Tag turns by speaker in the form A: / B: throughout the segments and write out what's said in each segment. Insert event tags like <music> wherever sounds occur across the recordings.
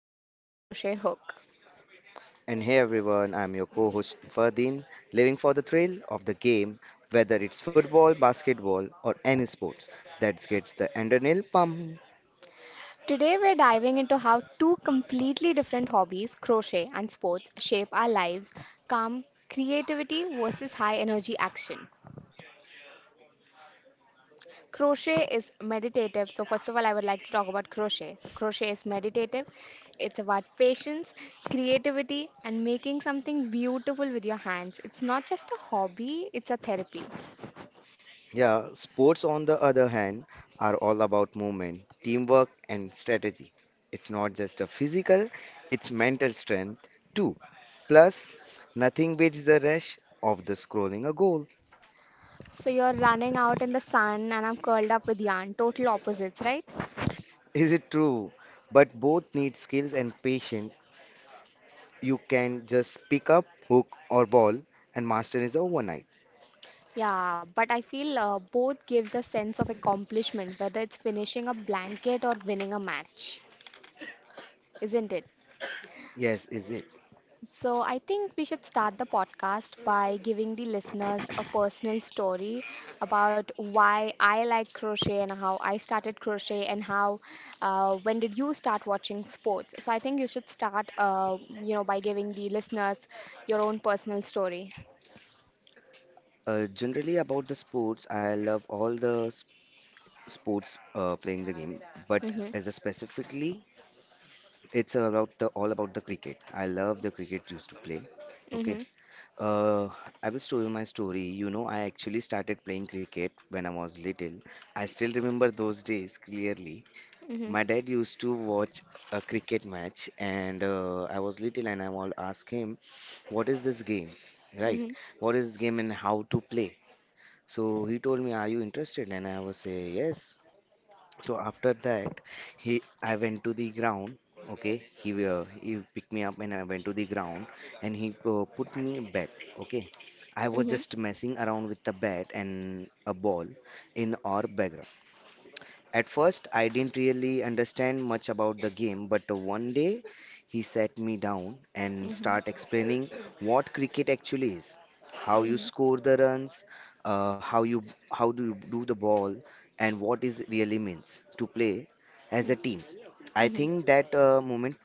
A: yarn and a crochet hook.
B: And hey everyone, I'm your co host Ferdin, living for the thrill of the game, whether it's football, basketball, or any sports that gets the adrenaline pumping.
A: Today we're diving into how two completely different hobbies, crochet and sports, shape our lives, calm creativity versus high energy action. Crochet is meditative. So, first of all, I would like to talk about crochet. So, crochet is meditative. It's about patience, creativity, and making something beautiful with your hands. It's not just a hobby, it's a therapy.
B: Yeah, sports on the other hand are all about movement, teamwork, and strategy. It's not just a physical, it's mental strength too. Plus, nothing beats the rush of the scrolling a goal.
A: So, you're running out in the sun, and I'm curled up with yarn. Total opposites, right?
B: Is it true? But both need skills and patience. You can just pick up hook or ball and master is overnight.
A: Yeah, but I feel both gives a sense of accomplishment, whether it's finishing a blanket or winning a match, isn't it?
B: Yes, is it?
A: So, I think we should start the podcast by giving the listeners a personal story about why I like crochet and how I started crochet and how when did you start watching sports? So, I think you should start, you know, by giving the listeners your own personal story.
B: Generally about the sports, I love all the sports, playing the game, but
A: Mhm.
B: as a specifically, it's about the all about the cricket. I love the cricket used to play. Okay.
A: Mhm.
B: Uh, I will tell you my story. You know, I actually started playing cricket when I was little. I still remember those days clearly.
A: Mhm.
B: My dad used to watch a cricket match, and I was little, and I will ask him, "What is this game? Right?
A: Mhm.
B: What is this game and how to play?" So he told me, "Are you interested?" And I was say, "Yes." So after that, he I went to the ground. Okay, he picked me up and I went to the ground, and he put me a bat. Okay, I was
A: Mhm.
B: just messing around with the bat and a ball in our background. At first, I didn't really understand much about the game, but one day he sat me down and
A: Mhm.
B: start explaining what cricket actually is, how you
A: Mhm.
B: score the runs, how you how do you do the ball, and what is really means to play as a
A: Mhm.
B: team. I
A: Mhm.
B: think that moment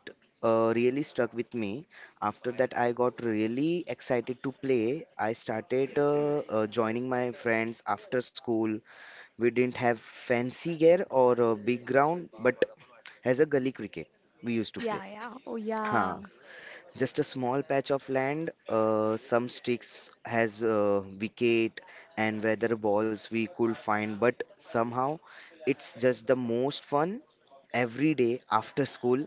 B: really stuck with me. After that, I got really excited to play. I started joining my friends after school. We didn't have fancy gear or a big ground, but as a gully cricket, we used to play.
A: Yeah, yeah. Oh, yeah.
B: Huh. Just a small patch of land, some sticks has wicket and weather balls we could find, but somehow it's just the most fun every day after school.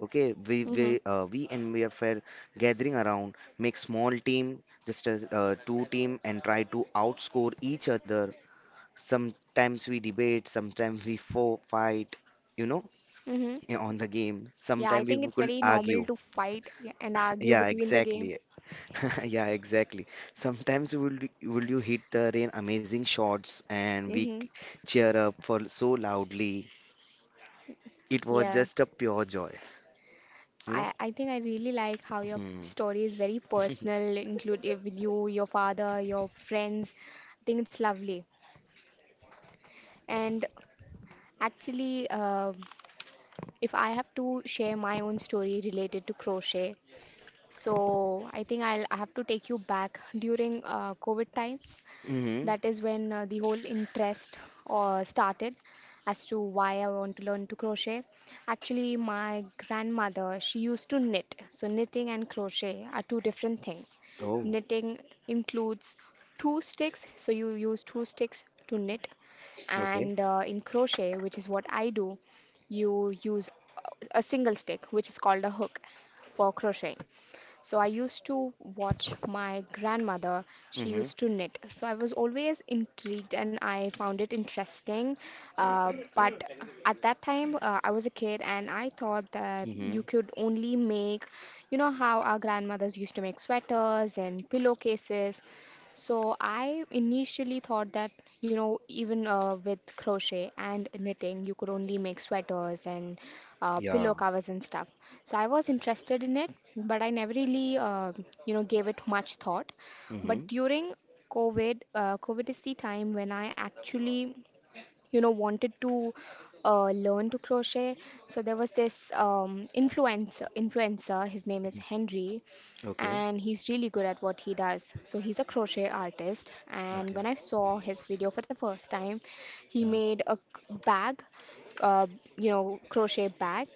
B: Okay, we
A: Mhm.
B: we uh, we and we are fair gathering around, make small team, just a two team, and try to outscore each other. Sometimes we debate, sometimes we fo fight, you know,
A: Mhm.
B: on the game.
A: Yeah, I
B: Sometimes
A: think
B: we
A: it's
B: could
A: very normal
B: argue.
A: to fight and
B: <laughs>
A: argue
B: Yeah,
A: between the game.
B: exactly. <laughs> Yeah, exactly. Sometimes will you hit the rain amazing shots and we
A: Hmm.
B: cheer up for so loudly. It was
A: Yeah,
B: just a pure joy, you know?
A: I think I really like how your
B: Hmm.
A: story is very
B: <laughs>
A: personal, include eh, with you, your father, your friends. I think it's lovely. And actually, if I have to share my own story related to crochet, so I think I have to take you back during COVID times.
B: Hmm.
A: That is when the whole interest started as to why I want to learn to crochet. Actually, my grandmother, she used to knit. So, knitting and crochet are two different things.
B: Oh,
A: Knitting includes two sticks, so you use two sticks to knit.
B: okay.
A: And in crochet, which is what I do, you use a single stick, which is called a hook for crocheting. So I used to watch my grandmother. She
B: Hmm.
A: used to knit. So I was always intrigued and I found it interesting. But at that time, I was a kid and I thought that
B: Hmm.
A: you could only make, you know, how our grandmothers used to make sweaters and pillowcases. So I initially thought that, you know, even with crochet and knitting, you could only make sweaters and pillow
B: Yeah.
A: covers and stuff. So I was interested in it, but I never really, you know, gave it much thought. But
B: Hmm.
A: during COVID, COVID is the time when I actually, you know, wanted to learn to crochet. So there was this influencer. His name is Henry
B: Okay.
A: and he's really good at what he does. So he's a crochet artist, and
B: Okay.
A: when I saw his video for the first time, he
B: Yeah.
A: made a bag, uh, you know, crochet bag,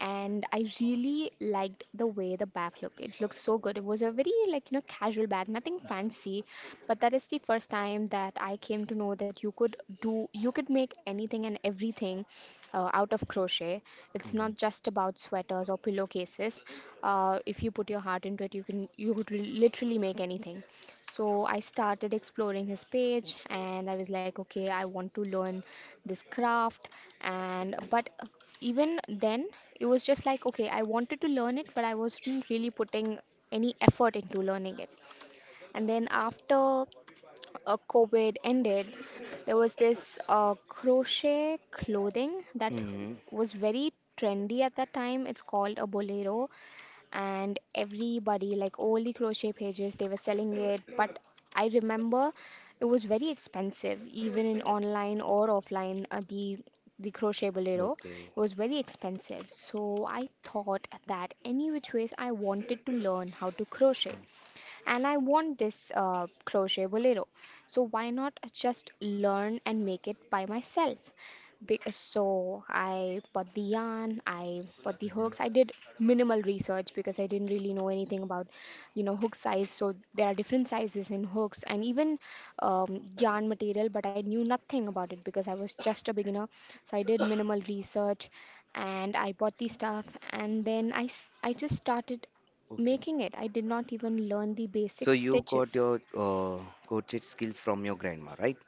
A: and I really liked the way the bag looked. It looked so good. It was a very like you know casual bag, nothing fancy, but that is the first time that I came to know that you could make anything and everything out of crochet. It's not
B: Hmm.
A: just about sweaters or pillowcases. If you put your heart into it, you could literally make anything. So I started exploring his page, and I was like, okay, I want to learn this craft and but even then it was just like, okay, I wanted to learn it, but I wasn't really putting any effort into learning it. And then after COVID ended, there was this crochet clothing that
B: Hmm.
A: was very trendy at that time. It's called a bolero, and everybody, like all the crochet pages, they were selling it, but I remember it was very expensive, even in online or offline. The crochet bolero,
B: Okay.
A: it was very expensive, so I thought that any which ways I wanted to learn how to crochet and I want this crochet bolero, so why not just learn and make it by myself. Big, so I bought the yarn, I bought the hooks. I did minimal research because I didn't really know anything about, you know, hook size. So there are different sizes in hooks and even yarn material, but I knew nothing about it because I was just a beginner. So I did minimal research and I bought the stuff, and then I just started
B: Okay.
A: making it. I did not even learn the
B: So
A: basic
B: you got
A: stitches.
B: your crochet skill from your grandma, right?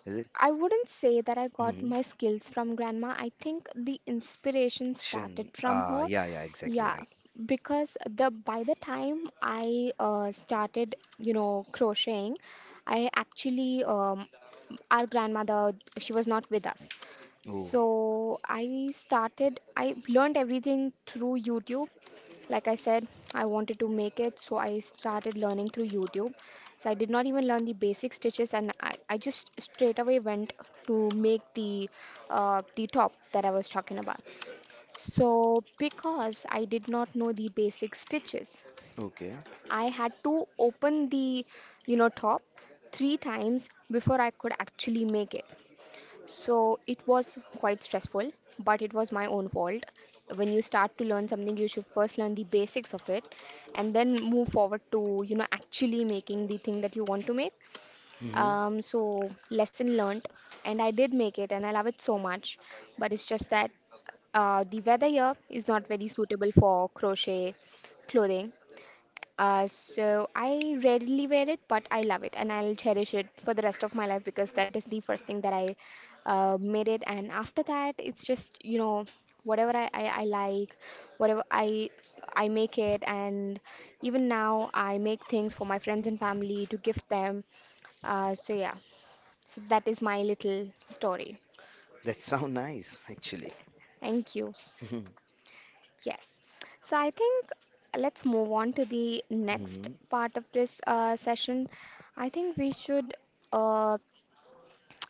B: Is it?
A: I wouldn't say that I got
B: Mm-hmm.
A: my skills from grandma. I think the inspiration started
B: Shen.
A: from
B: Ah,
A: her.
B: yeah, yeah, exactly
A: Yeah,
B: right.
A: because the by the time I started, you know, crocheting, I actually our grandmother, she was not with us.
B: Oh,
A: So I started I learned everything through YouTube. Like I said, I wanted to make it, so I started learning through YouTube. So I did not even learn the basic stitches, and I just straight away went to make the top that I was talking about. So because I did not know the basic stitches,
B: okay.
A: I had to open the, you know, top three times before I could actually make it. So it was quite stressful, but it was my own fault. When you start to learn something, you should first learn the basics of it and then move forward to, you know, actually making the thing that you want to make.
B: Mm-hmm.
A: So lesson learnt, and I did make it and I love it so much, but it's just that the weather here is not very suitable for crochet clothing, so I rarely wear it, but I love it and I'll cherish it for the rest of my life because that is the first thing that I made it. And after that, it's just, you know, whatever I like, whatever I make it. And even now, I make things for my friends and family to gift them. So yeah, so that is my little story.
B: That <laughs> sound nice, actually.
A: Thank you.
B: <laughs>
A: Yes. So I think let's move on to the next
B: Hmm.
A: part of this session. I think we should, uh,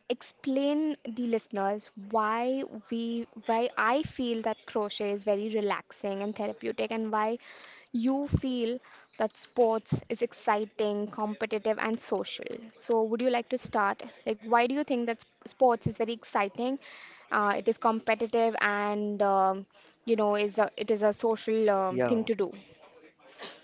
A: explain the listeners why we why I feel that crochet is very relaxing and therapeutic and why you feel that sports is exciting, competitive and social. So would you like to start? Like why do you think that sports is very exciting? It is competitive and you know is a, it is a social thing
B: Yeah,
A: to do.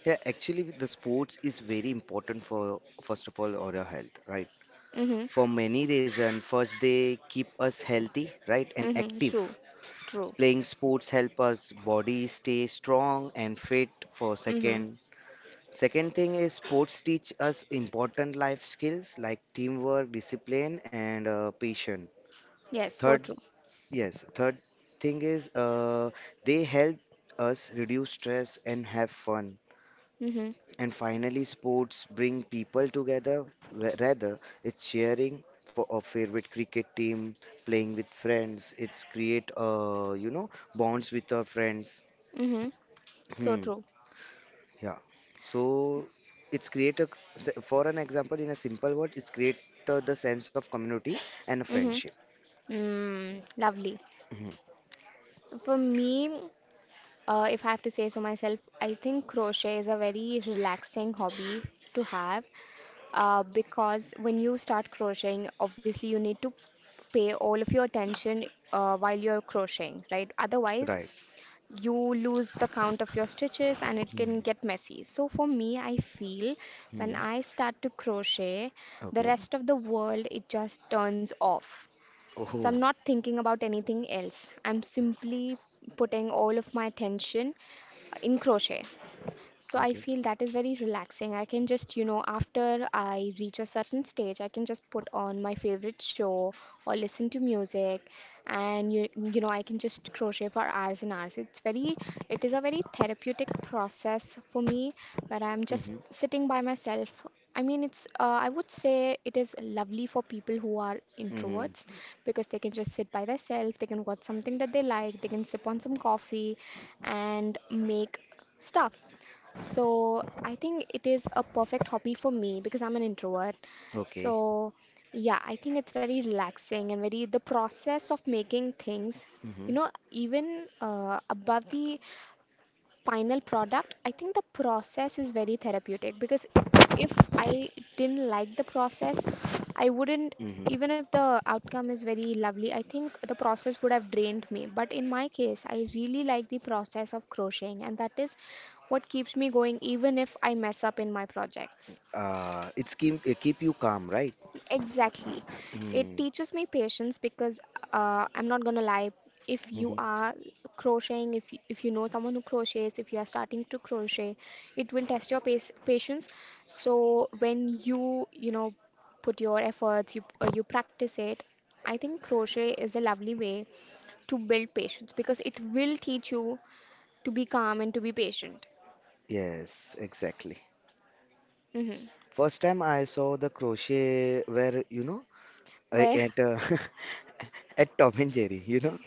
B: yeah. Actually, the sports is very important for first of all our health, right?
A: Mhm.
B: For many reasons. First, they keep us healthy, right, and
A: Mhm.
B: active.
A: True. True.
B: Playing sports help us body stay strong and fit. For
A: Mhm.
B: second, second thing is sports teach us important life skills like teamwork, discipline, and patience.
A: Yes, so
B: Third,
A: true.
B: yes, third thing is they help us reduce stress and have fun.
A: Mhm.
B: And finally, sports bring people together. Rather, it's sharing for a favorite cricket team, playing with friends. It's create you know bonds with our friends.
A: Mhm. So true.
B: <clears throat> Yeah. So it's create a for an example in a simple word, it's create the sense of community and
A: Mm-hmm.
B: friendship.
A: Mm, lovely.
B: Hmm.
A: So for me, if I have to say so myself, I think crochet is a very relaxing hobby to have, because when you start crocheting, obviously you need to pay all of your attention while you're crocheting, right? Otherwise,
B: Right.
A: you lose the count of your stitches and it can get
B: Mm-hmm.
A: messy. So for me, I feel when I start to crochet, the
B: Okay.
A: rest of the world it just turns off. So
B: Oh.
A: I'm not thinking about anything else. I'm simply putting all of my attention in crochet. So I
B: Okay.
A: feel that is very relaxing. I can just, you know, after I reach a certain stage, I can just put on my favorite show or listen to music and you know, I can just crochet for hours and hours. It's very, it is a very therapeutic process for me where I'm just
B: Mm-hmm.
A: sitting by myself. I mean, it's, I would say it is lovely for people who are introverts
B: Mm-hmm.
A: because they can just sit by themselves, they can watch something that they like, they can sip on some coffee and make stuff, so I think it is a perfect hobby for me because I'm an introvert.
B: Okay.
A: So yeah, I think it's very relaxing and very, the process of making things, you
B: Mm-hmm.
A: know, even above the final product, I think the process is very therapeutic because if I didn't like the process, I wouldn't,
B: Mm-hmm.
A: even if the outcome is very lovely, I think the process would have drained me. But in my case, I really like the process of crocheting, and that is what keeps me going even if I mess up in my projects.
B: It's keep it keep you calm, right?
A: Exactly.
B: Mm-hmm.
A: It teaches me patience because, I'm not gonna lie. If you
B: Mm-hmm.
A: are crocheting, if if you know someone who crochets, if you are starting to crochet, it will test your patience. So when you know, put your efforts, you you practice it. I think crochet is a lovely way to build patience because it will teach you to be calm and to be patient.
B: Yes, exactly.
A: Hmm.
B: First time I saw the crochet where you know
A: Where?
B: at <laughs> at Tom and Jerry, you know.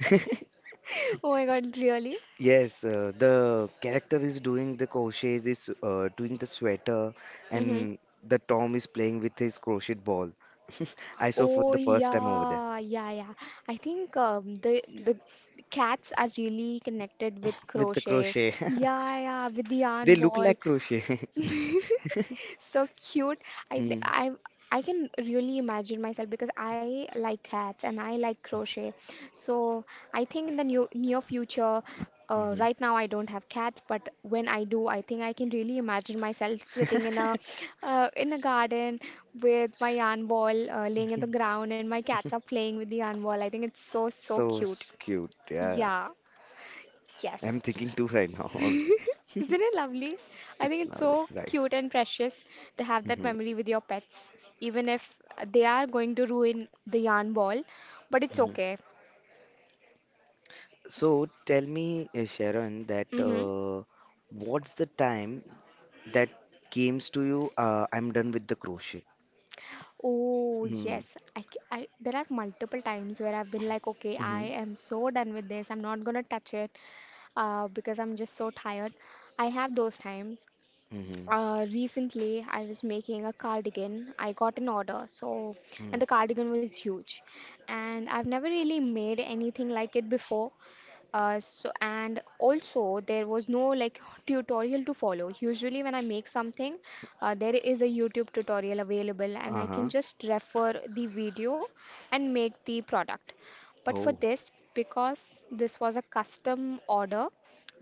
B: <laughs>
A: <laughs> Oh my God, really?
B: Yes, the character is doing the crochet, is doing the sweater,
A: Mm-hmm.
B: and the Tom is playing with his crochet ball. <laughs> I saw for the
A: Oh
B: first time over there
A: yeah, yeah, yeah. I think the cats are really connected with
B: with the
A: crochet.
B: crochet. <laughs>
A: Yeah, yeah, with the
B: They
A: yarn
B: look
A: ball.
B: like crochet. <laughs>
A: <laughs> So cute. I th-
B: Hmm,
A: I can really imagine myself because I like cats and I like crochet. So I think in the new near future,
B: mhm.
A: right now I don't have cats, but when I do, I think I can really imagine myself sitting
B: <laughs>
A: in a garden with my yarn ball laying in the ground and my cats are playing with the yarn ball. I think it's so cute.
B: Cute. Yeah,
A: Yeah.
B: I'm
A: Yes.
B: thinking too right now. <laughs>
A: Isn't it lovely? I think
B: It's
A: it's
B: lovely,
A: so
B: right?
A: cute and precious to have that
B: Mhm,
A: memory with your pets, even if they are going to ruin the yarn ball, but it's
B: mhm.
A: okay.
B: So tell me, Sharon, that
A: Mm-hmm.
B: what's the time that comes to you? I'm done with the crochet.
A: Oh,
B: Mm,
A: yes. There are multiple times where I've been like, okay, I
B: mhm,
A: am so done with this. I'm not gonna touch it, because I'm just so tired. I have those times.
B: mhm,
A: Recently, I was making a cardigan. I got an order, so
B: mm,
A: and the cardigan was huge, and I've never really made anything like it before. So and also there was no like tutorial to follow. Usually when I make something, there is a YouTube tutorial available and I
B: uh-huh.
A: can just refer the video and make the product. But for
B: Oh,
A: this, because this was a custom order,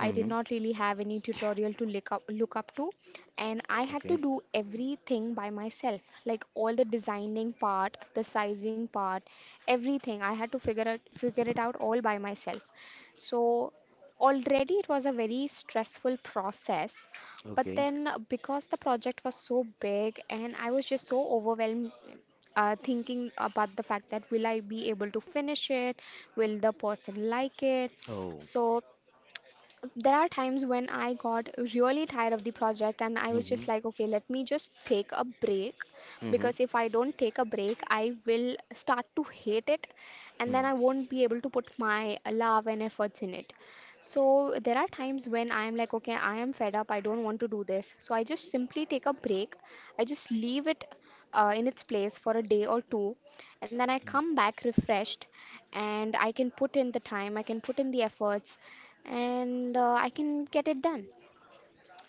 A: I did not really have any tutorial to look up to, and I had to
B: Okay,
A: do everything by myself, like all the designing part, the sizing part, everything. I had to figure it out all by myself. So already it was a very stressful process. But
B: okay.
A: then because the project was so big and I was just so overwhelmed thinking about the fact that will I be able to finish it? Will the person like it?
B: Oh,
A: So there are times when I got really tired of the project and I was just
B: mhm,
A: like, okay, let me just take a break
B: mhm,
A: because if I don't take a break, I will start to hate it and then
B: mm.
A: I won't be able to put my love and efforts in it. So there are times when I am like, okay, I am fed up, I don't want to do this. So I just simply take a break, I just leave it in its place for a day or two, and then I come back refreshed and I can put in the time, I can put in the efforts, and I can get it done.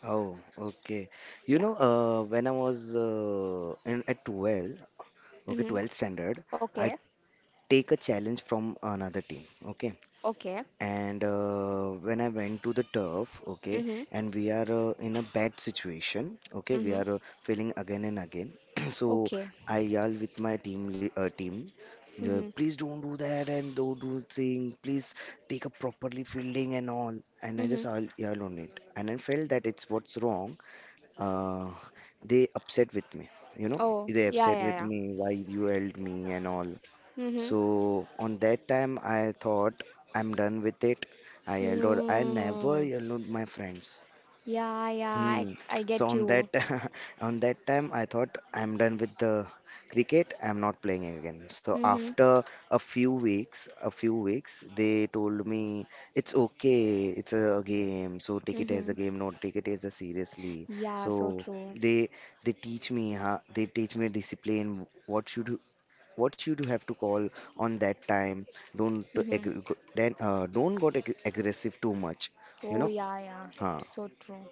B: Oh, okay. You
A: Yeah.
B: know, when I was in at 12, okay,
A: Mm-hmm.
B: 12th standard, I
A: Okay.
B: take a challenge from another team, okay?
A: Okay.
B: And when I went to the turf, okay,
A: Mm-hmm.
B: and we are in a bad situation, okay, we
A: Mm-hmm.
B: are failing again and again. <clears throat> So
A: Okay.
B: I yell with my team, team,
A: Mm-hmm.
B: please don't do that and don't do thing. Please take a properly fielding and all. And I just
A: Mm-hmm.
B: yell on it, and I felt that it's what's wrong. Uh, they upset with me, you know,
A: Oh,
B: they
A: yeah,
B: upset
A: yeah,
B: with
A: yeah.
B: me why you yelled me and all.
A: Mm-hmm.
B: So on that time, I thought I'm done with it. I yelled out, I never
A: Mm.
B: yelled out my friends.
A: Yeah, yeah, I,
B: Hmm.
A: I
B: So
A: get
B: on that
A: you.
B: <laughs> on that time, I thought I'm done with the cricket. I'm not playing again. So after
A: Mm-hmm.
B: a few weeks, they told me it's okay. It's a game. So take it as
A: Mm-hmm.
B: a game, not take it as a seriously.
A: Yeah, so
B: So
A: true.
B: they they teach me. Huh? They teach me discipline. What should what you do have to call on that time don't
A: Mm-hmm.
B: ag- go- then don't got aggressive too much, you
A: Oh,
B: know.
A: yeah, yeah,
B: Huh.
A: so true.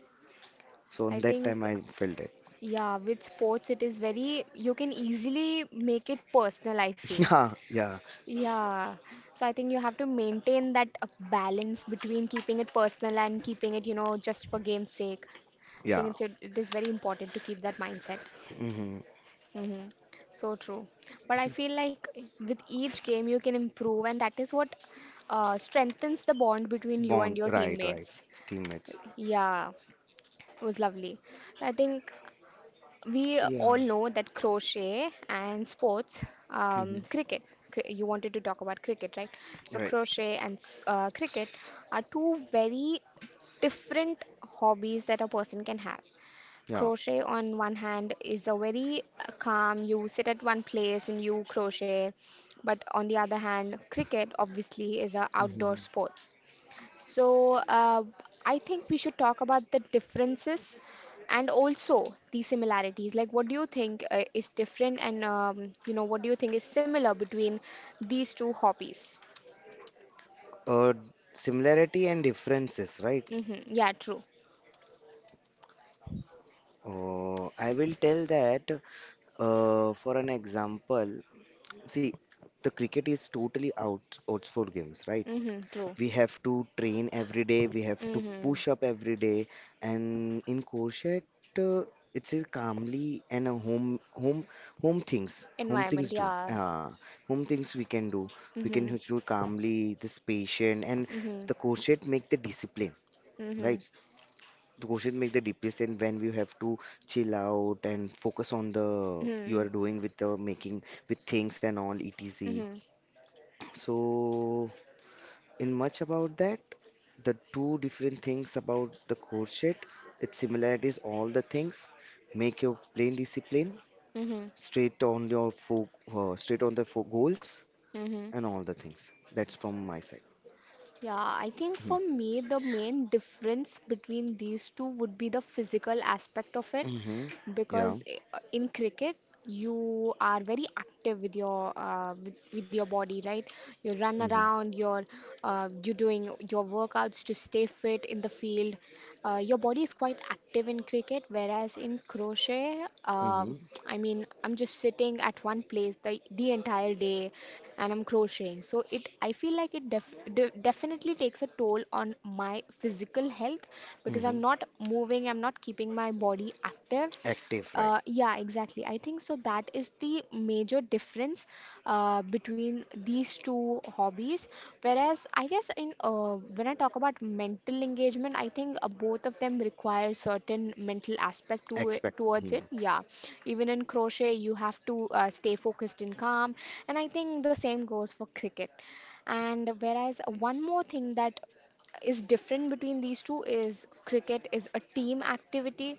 B: So on
A: I
B: that time
A: think,
B: I felt it.
A: yeah, with sports, it is very, you can easily make it personal, I
B: <laughs>
A: feel.
B: Yeah, yeah,
A: Yeah, so I think you have to maintain that balance between keeping it personal and keeping it, you know, just for game's sake. I think
B: yeah.
A: it is very important to keep that mindset.
B: Hmm.
A: Hmm. So true. But I feel like with each game you can improve, and that is what strengthens the bond between you and
B: Bond,
A: your
B: right, right,
A: teammates.
B: teammates.
A: Yeah, it was lovely. I think we
B: Yeah.
A: all know that crochet and sports,
B: Hmm.
A: cricket. You wanted to talk about cricket, right? So
B: Right.
A: crochet and cricket are two very different hobbies that a person can have.
B: Yeah.
A: Crochet, on one hand, is a very calm. You sit at one place and you crochet, but on the other hand, cricket obviously is a outdoor
B: Hmm.
A: sport. So, I think we should talk about the differences and also the similarities. Like, what do you think is different, and you know, what do you think is similar between these two hobbies?
B: uh, Similarity and differences, right.
A: Mm-hmm. Yeah, true.
B: Oh, I will tell that, for an example, see the cricket is totally out outsport games, right.
A: Mm-hmm. True.
B: We have to train every day, we have to
A: Mm-hmm.
B: push up every day. And in crochet, uh, it's a calmly and a home home things
A: Environment.
B: do
A: Yeah.
B: home things we can do, we can
A: Mm-hmm.
B: do calmly this patient. And
A: Mm-hmm.
B: the crochet make the discipline,
A: Mm-hmm.
B: right. The crochet make the discipline when we have to chill out and focus on the you
A: Mm-hmm.
B: are doing with the making with things and all etc.
A: Mm-hmm.
B: So in much about that. The two different things about the courtship, its similarities, all the things, make your plain discipline,
A: Mm-hmm.
B: straight on your fo straight on the fo goals,
A: Mm-hmm.
B: and all the things. That's from my side.
A: Yeah, I think for me, the main difference between these two would be the physical aspect of it
B: Mm-hmm. Yeah.
A: because in cricket, you are very active with your with your body, right? You run
B: Mm-hmm.
A: around, you're doing your workouts to stay fit in the field. Your body is quite active in cricket, whereas in crochet.
B: Mm-hmm.
A: I mean, I'm just sitting at one place the entire day and I'm crocheting. So it, I feel like it definitely takes a toll on my physical health because
B: Mm-hmm.
A: I'm not moving, I'm not keeping my body active.
B: Active, right?
A: Yeah, exactly. I think so. That is the major difference between these two hobbies. Whereas, I guess in when I talk about mental engagement, I think both of them require certain mental aspect to it,
B: Expect.
A: towards
B: Mm-hmm.
A: it. Yeah, even in crochet, you have to stay focused and calm. And I think the same goes for cricket. And whereas one more thing that is different between these two is cricket is a team activity.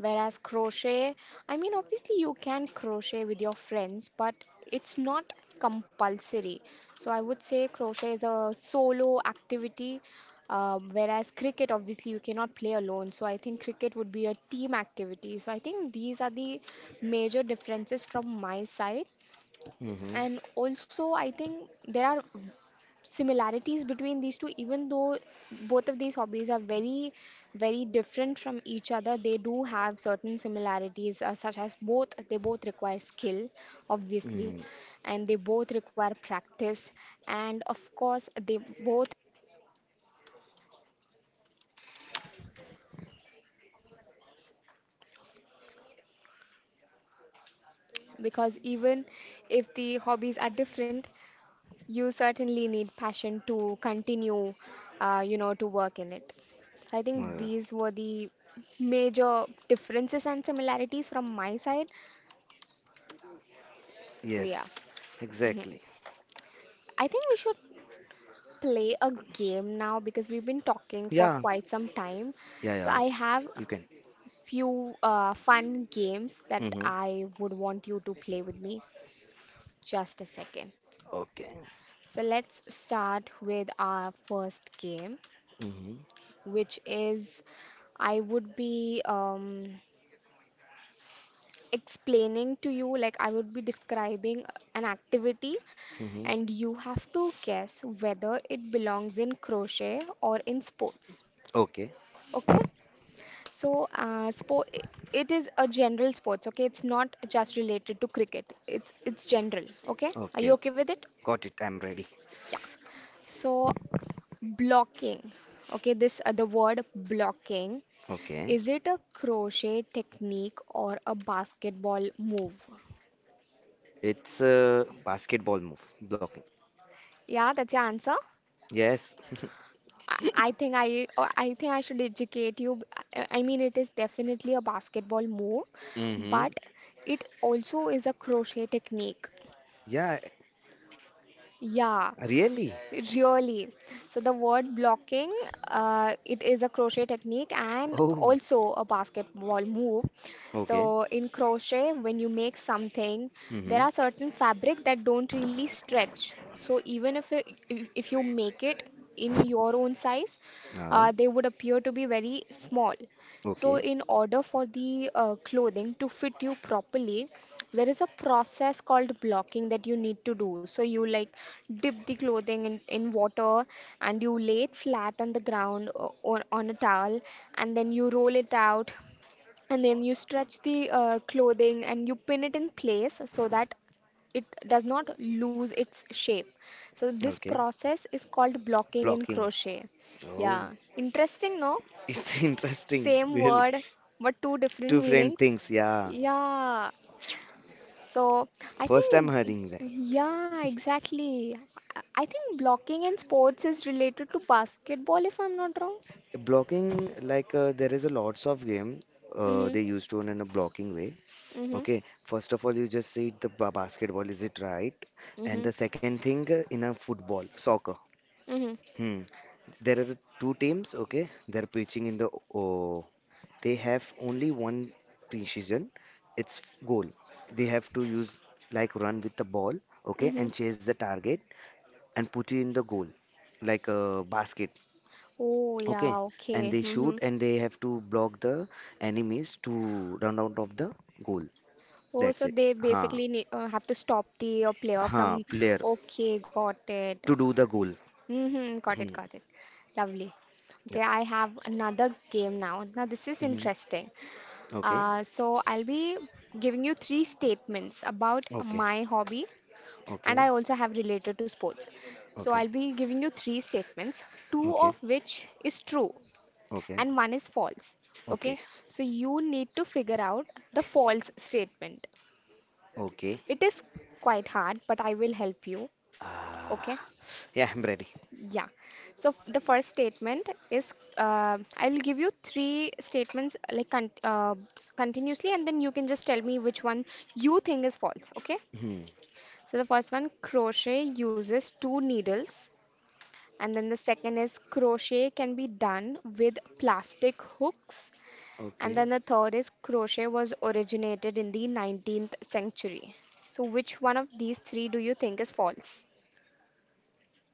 A: Whereas crochet, I mean, obviously you can crochet with your friends, but it's not compulsory. So I would say crochet is a solo activity, whereas cricket, obviously, you cannot play alone. So I think cricket would be a team activity. So I think these are the major differences from my side.
B: Mm-hmm.
A: And also, I think there are similarities between these two even though both of these hobbies are very very different from each other. They do have certain similarities such as both they both require skill obviously,
B: Mm-hmm.
A: and they both require practice, and of course they both, because even if the hobbies are different, you certainly need passion to continue, you know, to work in it. So I think
B: Uh,
A: these were the major differences and similarities from my side. So yeah.
B: yes.
A: Hmm.
B: Exactly.
A: I think we should play a game now because we've been talking for
B: Yeah.
A: quite some time.
B: Yeah.
A: So
B: Yeah.
A: I have
B: You can.
A: few fun games that
B: Mm-hmm.
A: I would want you to play with me. Just a second.
B: Okay.
A: So let's start with our first game,
B: Mm-hmm.
A: which is I would be explaining to you, like I would be describing an activity,
B: Mm-hmm.
A: and you have to guess whether it belongs in crochet or in sports. Okay? So, sport it is a general sports. Okay, it's not just related to cricket. It's general. Okay? Are
B: Okay,
A: you
B: okay.
A: okay with it?
B: Got it. I'm ready.
A: Yeah. So, blocking. Okay, this the word blocking.
B: Okay.
A: Is it a crochet technique or a basketball move?
B: It's a basketball move. Blocking.
A: Yeah, that's your answer.
B: Yes. <laughs>
A: I think I should educate you. I mean, it is definitely a basketball move, but
B: Mm-hmm.
A: it also is a crochet technique.
B: Yeah,
A: Yeah.
B: really?
A: Really. So the word blocking, it is a crochet technique and
B: Oh,
A: also a basketball move.
B: okay.
A: So in crochet, when you make something, there
B: Mm-hmm.
A: are certain fabric that don't really stretch. So even if you make it in your own size,
B: Uh,
A: they would appear to be very small. So
B: okay.
A: in order for the clothing to fit you properly, there is a process called blocking that you need to do so you like dip the clothing in water and you lay it flat on the ground or on a towel and then you roll it out and then you stretch the clothing and you pin it in place so that it does not lose its shape. So this
B: Okay.
A: process is called blocking in
B: Blocking.
A: crochet.
B: Oh,
A: Yeah, interesting, no?
B: <laughs> it's interesting,
A: Same
B: really.
A: word but two different
B: Two friend
A: meanings.
B: things, yeah.
A: Yeah, so I
B: First time
A: think,
B: hearing that.
A: yeah, exactly. I think blocking in sports is related to basketball, if I'm not wrong.
B: Blocking, like there is a lots of game
A: Mm-hmm.
B: they used to in a blocking way.
A: Mm-hmm.
B: Okay, first of all, you just said the basketball, is it right? And
A: Mm-hmm.
B: the second thing in a football, soccer.
A: Mm-hmm.
B: Hmm. There are two teams, okay? They're pitching in the oh, they have only one precision. It's goal. They have to use like run with the ball, okay,
A: Mm-hmm.
B: and chase the target and put it in the goal, like a basket,
A: Oh, yeah,
B: okay? And
A: okay.
B: they
A: Mm-hmm.
B: shoot and they have to block the enemies to run out of the goal.
A: Oh,
B: That's
A: so
B: it.
A: they
B: Ha.
A: basically need, have to stop the player
B: Huh,
A: from.
B: player
A: Okay, got it.
B: to do the goal.
A: Mm-hmm. Got it,
B: Hmm.
A: got it. Lovely. Okay,
B: Yeah.
A: I have another game now. Now, this is
B: Mhm.
A: interesting.
B: Okay.
A: So I'll be giving you three statements about
B: Okay.
A: my hobby, and
B: Okay.
A: I also have related to sports. So I'll
B: Okay.
A: be giving you three statements, two
B: Okay.
A: of which is true
B: Okay.
A: and one is false.
B: Okay.
A: Okay, so you need to figure out the false statement.
B: Okay.
A: It is quite hard, but I will help you. Okay.
B: Ah. Yeah, I'm ready.
A: Yeah. So the first statement is I will give you three statements continuously, and then you can just tell me which one you think is false. Okay.
B: Hmm.
A: So the first one, crochet uses two needles, and then the second is crochet can be done with plastic hooks, and
B: Okay.
A: then the third is crochet was originated in the 19th century. So which one of these three do you think is false?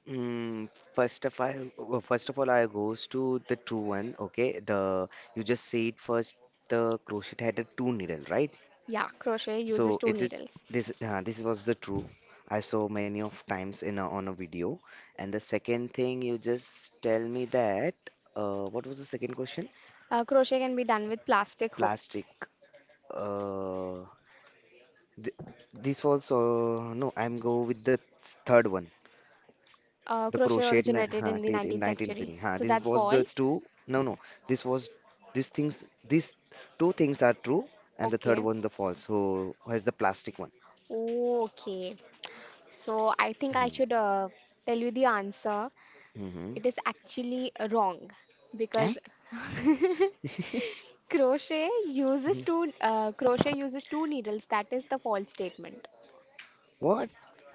B: Mm, first of all I goes to the true one. Okay. The you just said first the crochet had a two needle, right?
A: Yeah, crochet uses
B: So
A: two
B: it is
A: needles.
B: this this was the true. I saw many of times in a, on a video. And the second thing you just tell me that, what was the second question?
A: Crochet can be done with plastic hooks.
B: Plastic. Uh, th This was no. I'm go with the third one. The
A: Crochet
B: crochet in
A: originated
B: huh,
A: in the
B: in
A: 19th century.
B: 1983. Huh,
A: So
B: this
A: that's
B: was the
A: false.
B: two. No, no. This was these things. These two things are true, and the third
A: Okay.
B: one the false. So, who has the plastic one?
A: Okay. So I think I
B: Mm-hmm.
A: should tell you the answer.
B: Mm-hmm.
A: It is actually wrong
B: Eh?
A: because
B: <laughs> Mhm.
A: crochet uses two needles. That is the false statement.
B: What?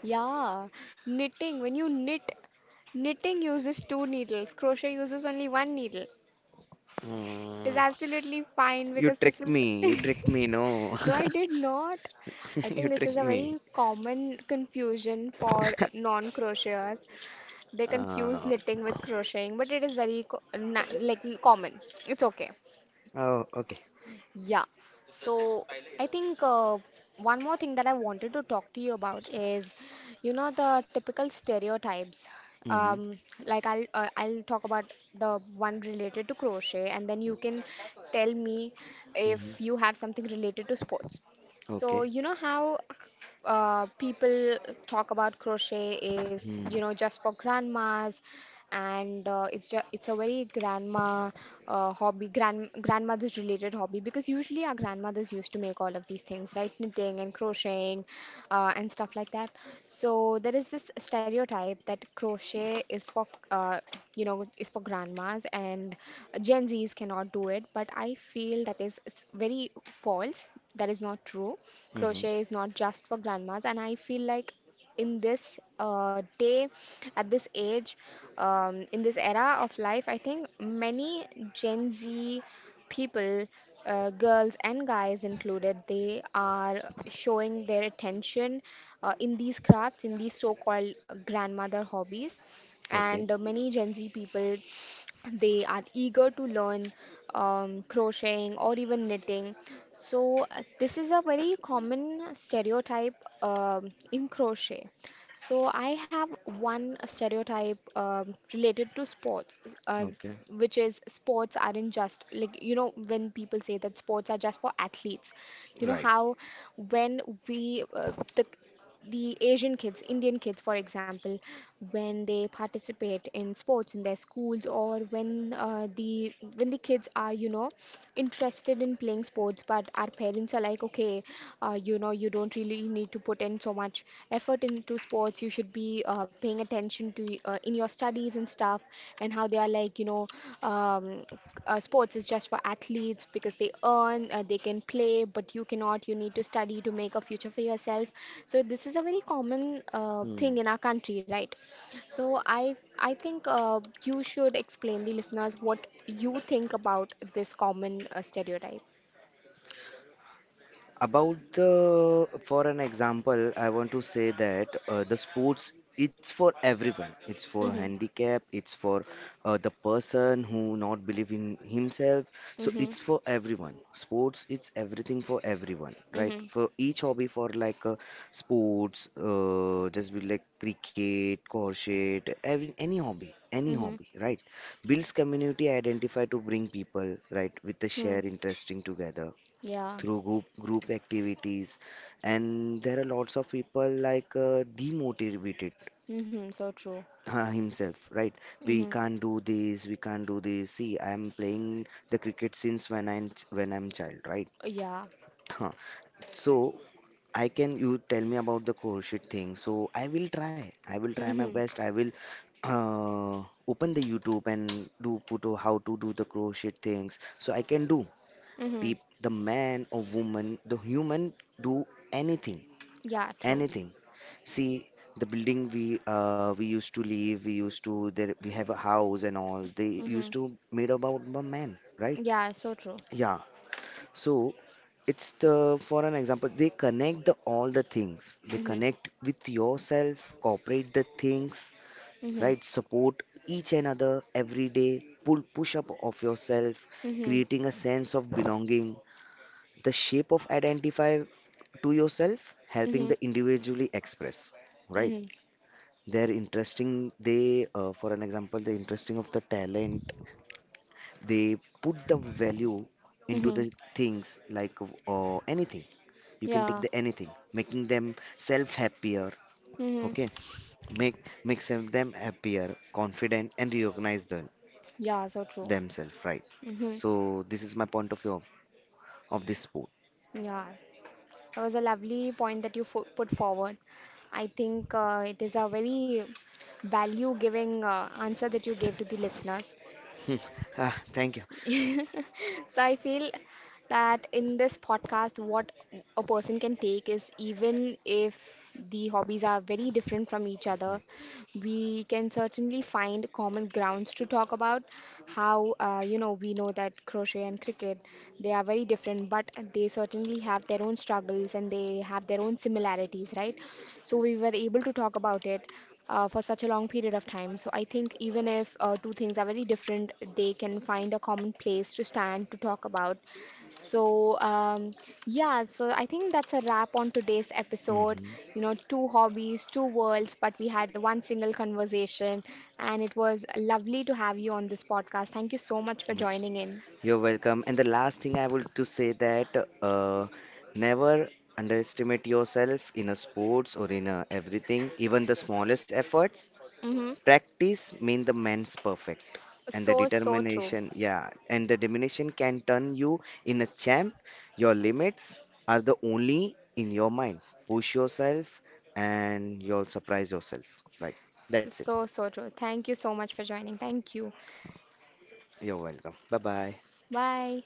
A: Yeah, knitting. When you knit, knitting uses two needles. Crochet uses only one needle. It is
B: Mm,
A: absolutely fine
B: you
A: because this
B: tricked
A: is
B: me. You
A: <laughs>
B: tricked me. No. <laughs>
A: No, I did not. I
B: You
A: think this is
B: tricked
A: a
B: me.
A: very common confusion for non-crocheters. They confuse
B: Uh,
A: knitting with crocheting, but it is very common. It's okay.
B: oh, okay.
A: Yeah. So I think one more thing that I wanted to talk to you about is, you know, the typical stereotypes.
B: Mm-hmm.
A: Um, like I'll talk about the one related to crochet, and then you can tell me if you
B: Mm-hmm.
A: have something related to sports. So
B: Okay.
A: you know how people talk about crochet is, you know,
B: Mm-hmm.
A: just for grandmas, and it's just it's a very grandma hobby, grandmother's related hobby, because usually our grandmothers used to make all of these things, right? Knitting and crocheting and stuff like that. So there is this stereotype that crochet is for, you know, is for grandmas and Gen Z's cannot do it, but I feel that is it's very false. That is not true.
B: Mm-hmm.
A: Crochet is not just for grandmas, and I feel like in this day, at this age, in this era of life, I think many Gen Z people, girls and guys included, they are showing their attention in these crafts, in these so-called grandmother hobbies.
B: Okay.
A: And many Gen Z people, they are eager to learn crocheting or even knitting. So, this is a very common stereotype in crochet. So, I have one stereotype related to sports, uh, s-
B: Okay.
A: which is sports aren't just, like, you know, when people say that sports are just for athletes, you know,
B: Right.
A: how when we the Asian kids, Indian kids, for example, when they participate in sports in their schools, or when the when the kids are, you know, interested in playing sports, but our parents are like, okay, you know, you don't really need to put in so much effort into sports. You should be paying attention to in your studies and stuff, and how they are like, you know, um, sports is just for athletes because they earn, they can play, but you cannot. You need to study to make a future for yourself. So this is a very common
B: Mm.
A: thing in our country, right? So I think you should explain the listeners what you think about this common stereotype.
B: About the for an example I want to say that, the sports it's for everyone, it's for
A: Mhm.
B: handicap, it's for the person who not believe in himself. So
A: Mhm.
B: it's for everyone, sports it's everything for everyone, right,
A: Mhm.
B: for each hobby for like, sports just be like cricket crochet every, any hobby any
A: Mhm.
B: hobby, right, builds community identify to bring people, right, with the
A: Mhm.
B: share interesting together
A: Yeah.
B: through group activities. And there are lots of people like demotivated
A: Mhm. So true.
B: <laughs> himself, right. We
A: Mhm.
B: can't do this, we can't do this. See, I am playing the cricket since when I'm child, right.
A: Yeah.
B: <laughs> Huh. So I can you tell me about the crochet thing, so I will try my
A: Mhm.
B: best. I will, open the YouTube and do put how to do the crochet things, so I can do
A: Mhm.
B: peep the man or woman the human do anything
A: Yeah. True.
B: anything. See, the building we used to live, we used to there we have a house and all. They used
A: Mhm.
B: to made about a man, right?
A: Yeah. So true.
B: Yeah. So it's the for an example, they connect the all the things. They
A: Mhm.
B: connect with yourself, cooperate the things,
A: Mhm.
B: right? Support each another every day. Pull push up of yourself,
A: Mhm.
B: creating a sense of belonging. The shape of identify to yourself, helping
A: Mhm.
B: the individually express, right?
A: Mhm.
B: They're interesting, they, for an example the interesting of the talent, they put the value into
A: Mhm.
B: the things like anything, you can take
A: Yeah.
B: the anything making them self happier,
A: Mhm.
B: okay, make makes them happier confident and recognize them
A: Yeah. So true.
B: themselves, right.
A: Mhm.
B: So this is my point of view of this sport.
A: Yeah. That was a lovely point that you put forward. I think it is a very value giving answer that you gave to the listeners.
B: <laughs> Hmm. Ah, thank you.
A: <laughs> So I feel that in this podcast, what a person can take is, even if the hobbies are very different from each other, we can certainly find common grounds to talk about. How, you know, we know that crochet and cricket, they are very different, but they certainly have their own struggles and they have their own similarities, right? So we were able to talk about it for such a long period of time. So I think even if two things are very different, they can find a common place to stand, to talk about. So yeah, so I think that's a wrap on today's episode.
B: Hmm.
A: You know, two hobbies, two worlds, but we had one single conversation, and it was lovely to have you on this podcast. Thank you so much for joining in.
B: You're welcome. And the last thing I would to say that, uh, never underestimate yourself in a sports or in a everything, even the smallest efforts.
A: Mm-hmm.
B: Practice mean the man's perfect. And the
A: So so true.
B: determination, yeah, and the determination can turn you in a champ. Your limits are the only in your mind. Push yourself and you'll surprise yourself. Like, that's it.
A: So so true. Thank you so much for joining. Thank you.
B: You're welcome. Bye bye.
A: Bye.